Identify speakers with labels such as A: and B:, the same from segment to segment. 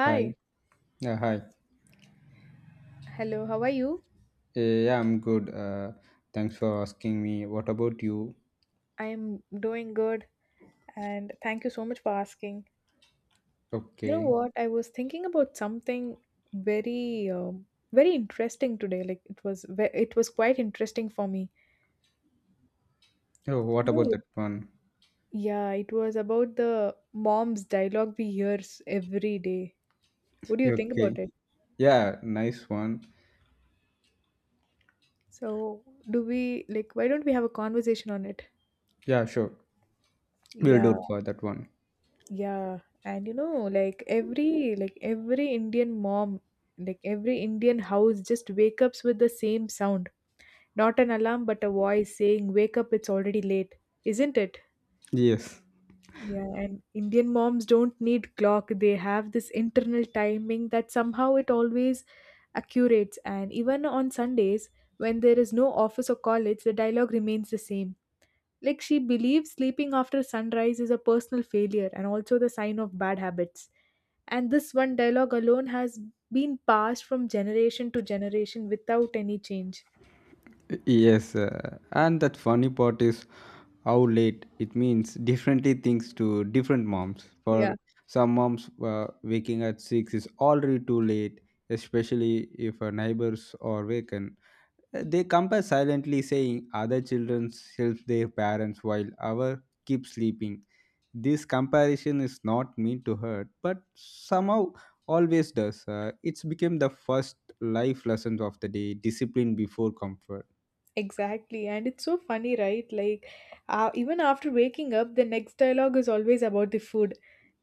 A: Hi. Yeah, hi.
B: Hello, how are you?
A: Yeah, I'm good. Thanks for asking me. What about you?
B: I'm doing good and thank you so much for asking. You know
A: Okay.
B: what? I was thinking about something very very interesting today. Like it was it was quite interesting for me.
A: Oh, what
B: You
A: about
B: know,
A: that one?
B: yeah, it was about the mom's dialogue we hear every day. What do you think about
A: Okay.
B: it?
A: Yeah, nice one.
B: So, do we like why don't we have a conversation on it?
A: Yeah, sure. We'll do
B: Yeah.
A: it for that one.
B: Yeah, and you know, like every Indian mom, like every Indian house just wake ups with the same sound. Not an alarm, but a voice saying, "Wake up, it's already late." Isn't it?
A: Yes.
B: Yeah, and Indian moms don't need clock. They have this internal timing that somehow it always accurates. And even on Sundays, when there is no office or college, the dialogue remains the same. Like she believes sleeping after sunrise is a personal failure and also the sign of bad habits. And this one dialogue alone has been passed from generation to generation without any change.
A: Yes. And that funny part is how late it means differently things to different moms.
B: Yeah,
A: For some moms, waking at 6 is already too late, especially if neighbors are awake. They compare silently, saying other children help their parents while our keep sleeping. This comparison is not meant to hurt, but somehow always does. It's become the first life lesson of the day: discipline before comfort.
B: exactly. And it's so funny, right? Like, even after waking up, the next dialogue is always about the food.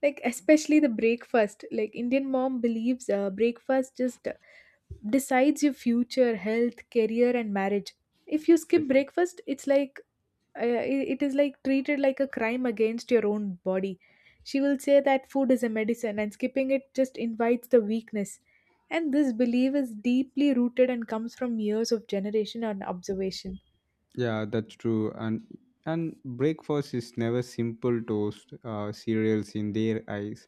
B: Like, especially the breakfast. Like, Indian mom believes breakfast just decides your future, health, career, and marriage. If you skip
A: Yes.
B: breakfast, it's like it is like treated like a crime against your own body. She will say that food is a medicine and skipping it just invites the weakness, and this belief is deeply rooted and comes from years of generation and observation.
A: Yeah, that's true. And breakfast is never simple toast cereals in their eyes.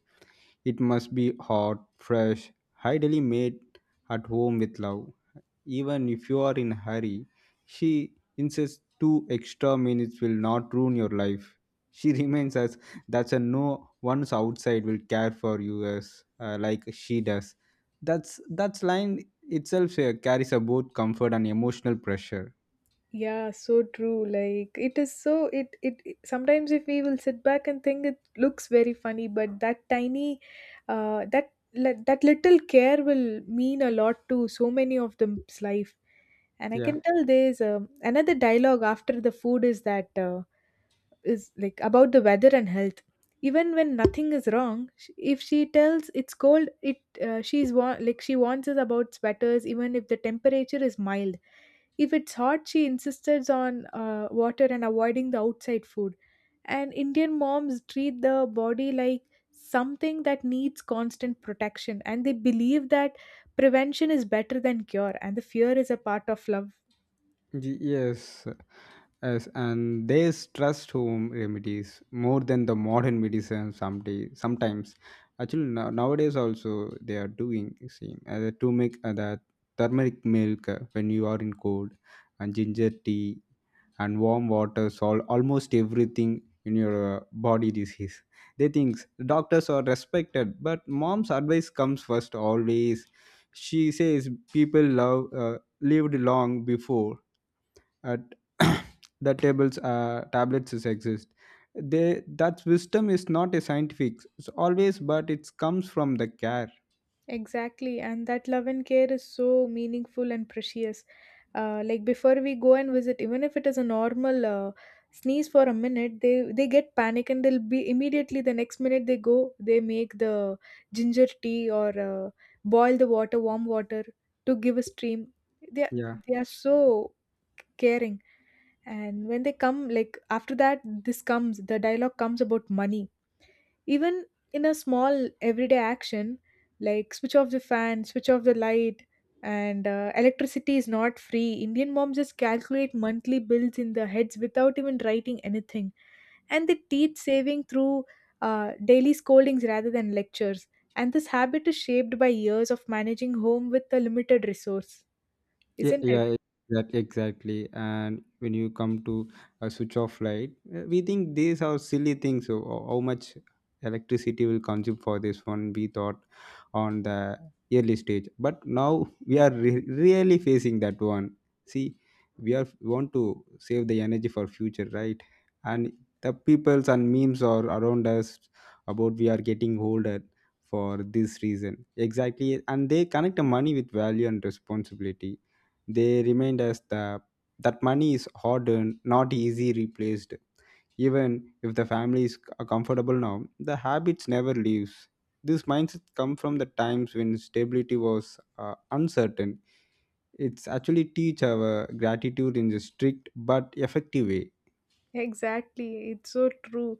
A: It must be hot, fresh, ideally made at home with love. Even if you are in a hurry, she insists two extra minutes will not ruin your life. She reminds us that a no one's outside will care for you as, like, she does. That's line itself carries a both comfort and emotional pressure.
B: Yeah, so true. Like it is so sometimes if we will sit back and think it looks very funny, but that tiny that little care will mean a lot to so many of them's life. And I
A: Yeah.
B: can tell there's another dialogue after the food is that is like about the weather and health, even when nothing is wrong. If she tells it's cold, like she warns us about sweaters even if the temperature is mild. If it's hot, she insists on water and avoiding the outside food. And Indian moms treat the body like something that needs constant protection, and they believe that prevention is better than cure and the fear is a part of love.
A: Y- Yes, yes, and they trust home remedies more than the modern medicine. Someday, sometimes, actually, now, nowadays also they are doing same, to make the turmeric milk when you are in cold, and ginger tea and warm water solve almost everything in your body disease. They think doctors are respected, but mom's advice comes first always. She says people love lived long before at the tables tablets is exist. They that wisdom is not a scientific always, but it comes from the care.
B: Exactly, and that love and care is so meaningful and precious. Like before we go and visit, even if it is a normal sneeze for a minute, they get panic, and they'll be immediately the next minute they go, they make the ginger tea or boil the water, warm water to give a stream. they are,
A: Yeah.
B: they are so caring. And when they come like after that, this comes the dialogue comes about money, even in a small everyday action, like switch off the fan, switch off the light, and electricity is not free. Indian moms just calculate monthly bills in their heads without even writing anything. And they teach saving through daily scoldings rather than lectures. And this habit is shaped by years of managing home with a limited resource,
A: Yeah,
B: isn't it?
A: yeah, that exactly. And when you come to a switch off light, we think these are silly things. So how much electricity will consume for this one? We thought on the early stage, but now we are really facing that one. See, we are want to save the energy for future, right? And the peoples and memes are around us about we are getting older for this reason exactly, and they connect the money with value and responsibility. They remind us that that money is hard earned, not easy replaced. Even if the family is comfortable now, the habits never leaves. This mindset come from the times when stability was, uncertain. It's actually teach our gratitude in a strict but effective way.
B: Exactly, it's so true.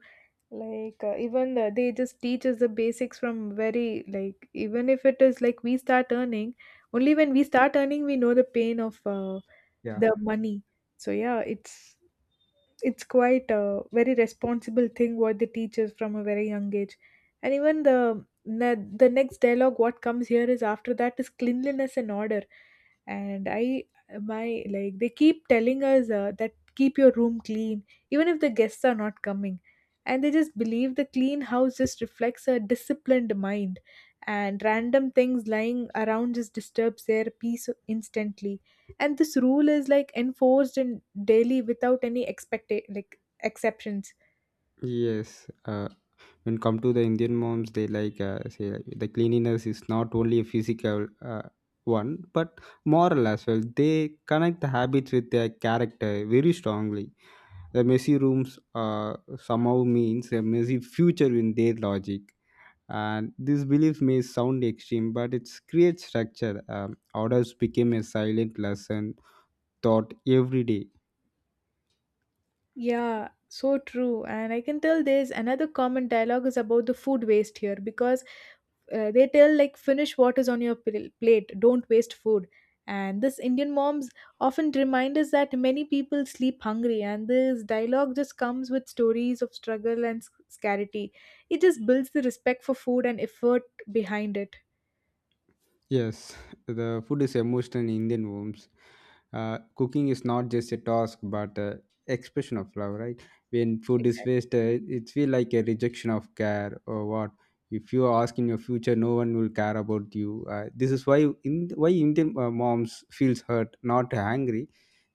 B: Like even they just teach us the basics from very like even if it is like we start earning, only when we start earning we know the pain of
A: Yeah.
B: the money. So yeah, it's quite a very responsible thing what they teach us from a very young age. And even the the next dialogue what comes here is after that is cleanliness and order. And I my like they keep telling us that keep your room clean even if the guests are not coming, and they just believe the clean house just reflects a disciplined mind, and random things lying around just disturbs their peace instantly. And this rule is like enforced in daily without any expect like exceptions
A: Yes. When come to the indian moms, they like say like, the cleanliness is not only a physical uh, one but moral as well. They connect the habits with their character very strongly. The messy rooms uh, somehow means a messy future in their logic, and this belief may sound extreme, but it creates structure. Orders became a silent lesson taught every day.
B: yeah, so true. And I can tell there's another common dialogue is about the food waste here, because they tell like finish what is on your plate, don't waste food. And this Indian moms often remind us that many people sleep hungry, and this dialogue just comes with stories of struggle and scarcity. It just builds the respect for food and effort behind it.
A: Yes, the food is emotional in Indian homes. Cooking is not just a task but a expression of love, right? When food is
B: Exactly.
A: wasted, it feels like a rejection of care or what. If you ask in your future, no one will care about you. This is why in, why Indian moms feels hurt, not angry.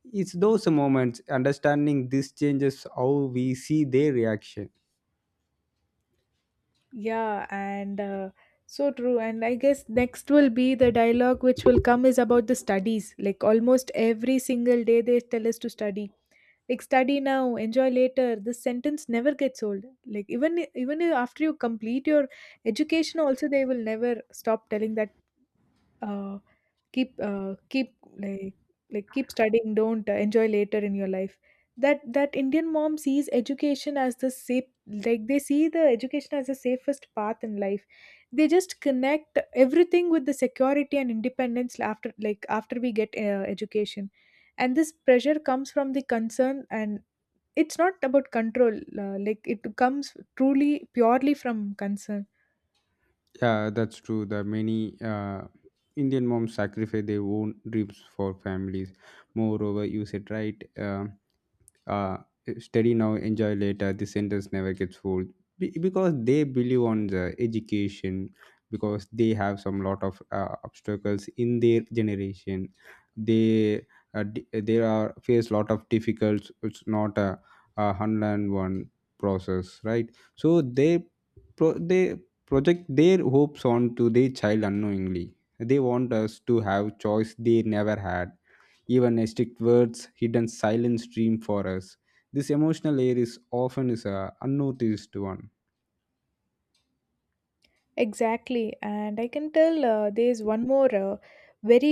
A: It's those moments understanding this changes how we see their reaction.
B: Yeah, and so true. And I guess next will be the dialogue which will come is about the studies. Like almost every single day, they tell us to study. Like study now, enjoy later. This sentence never gets old. Like even after you complete your education, also they will never stop telling that. Uh, keep keep like like keep studying, don't enjoy later in your life. That Indian mom sees education as the safe like they see the education as the safest path in life. They just connect everything with the security and independence after like after we get education. And this pressure comes from the concern, and it's not about control. Like it comes truly purely from concern.
A: Yeah, that's true. The many Indian moms sacrifice their own dreams for families. Moreover, you said right. Uh, Study now enjoy later, the sentence never gets full. Because they believe on the education, because they have some lot of obstacles in their generation. They they are face lot of difficulties. It's not a, a 101 process, right? So they they project their hopes onto their child unknowingly. They want us to have choice they never had. Even a strict words hidden silent stream for us. This emotional layer is often is a unnoticed one.
B: Exactly, and I can tell there's one more very,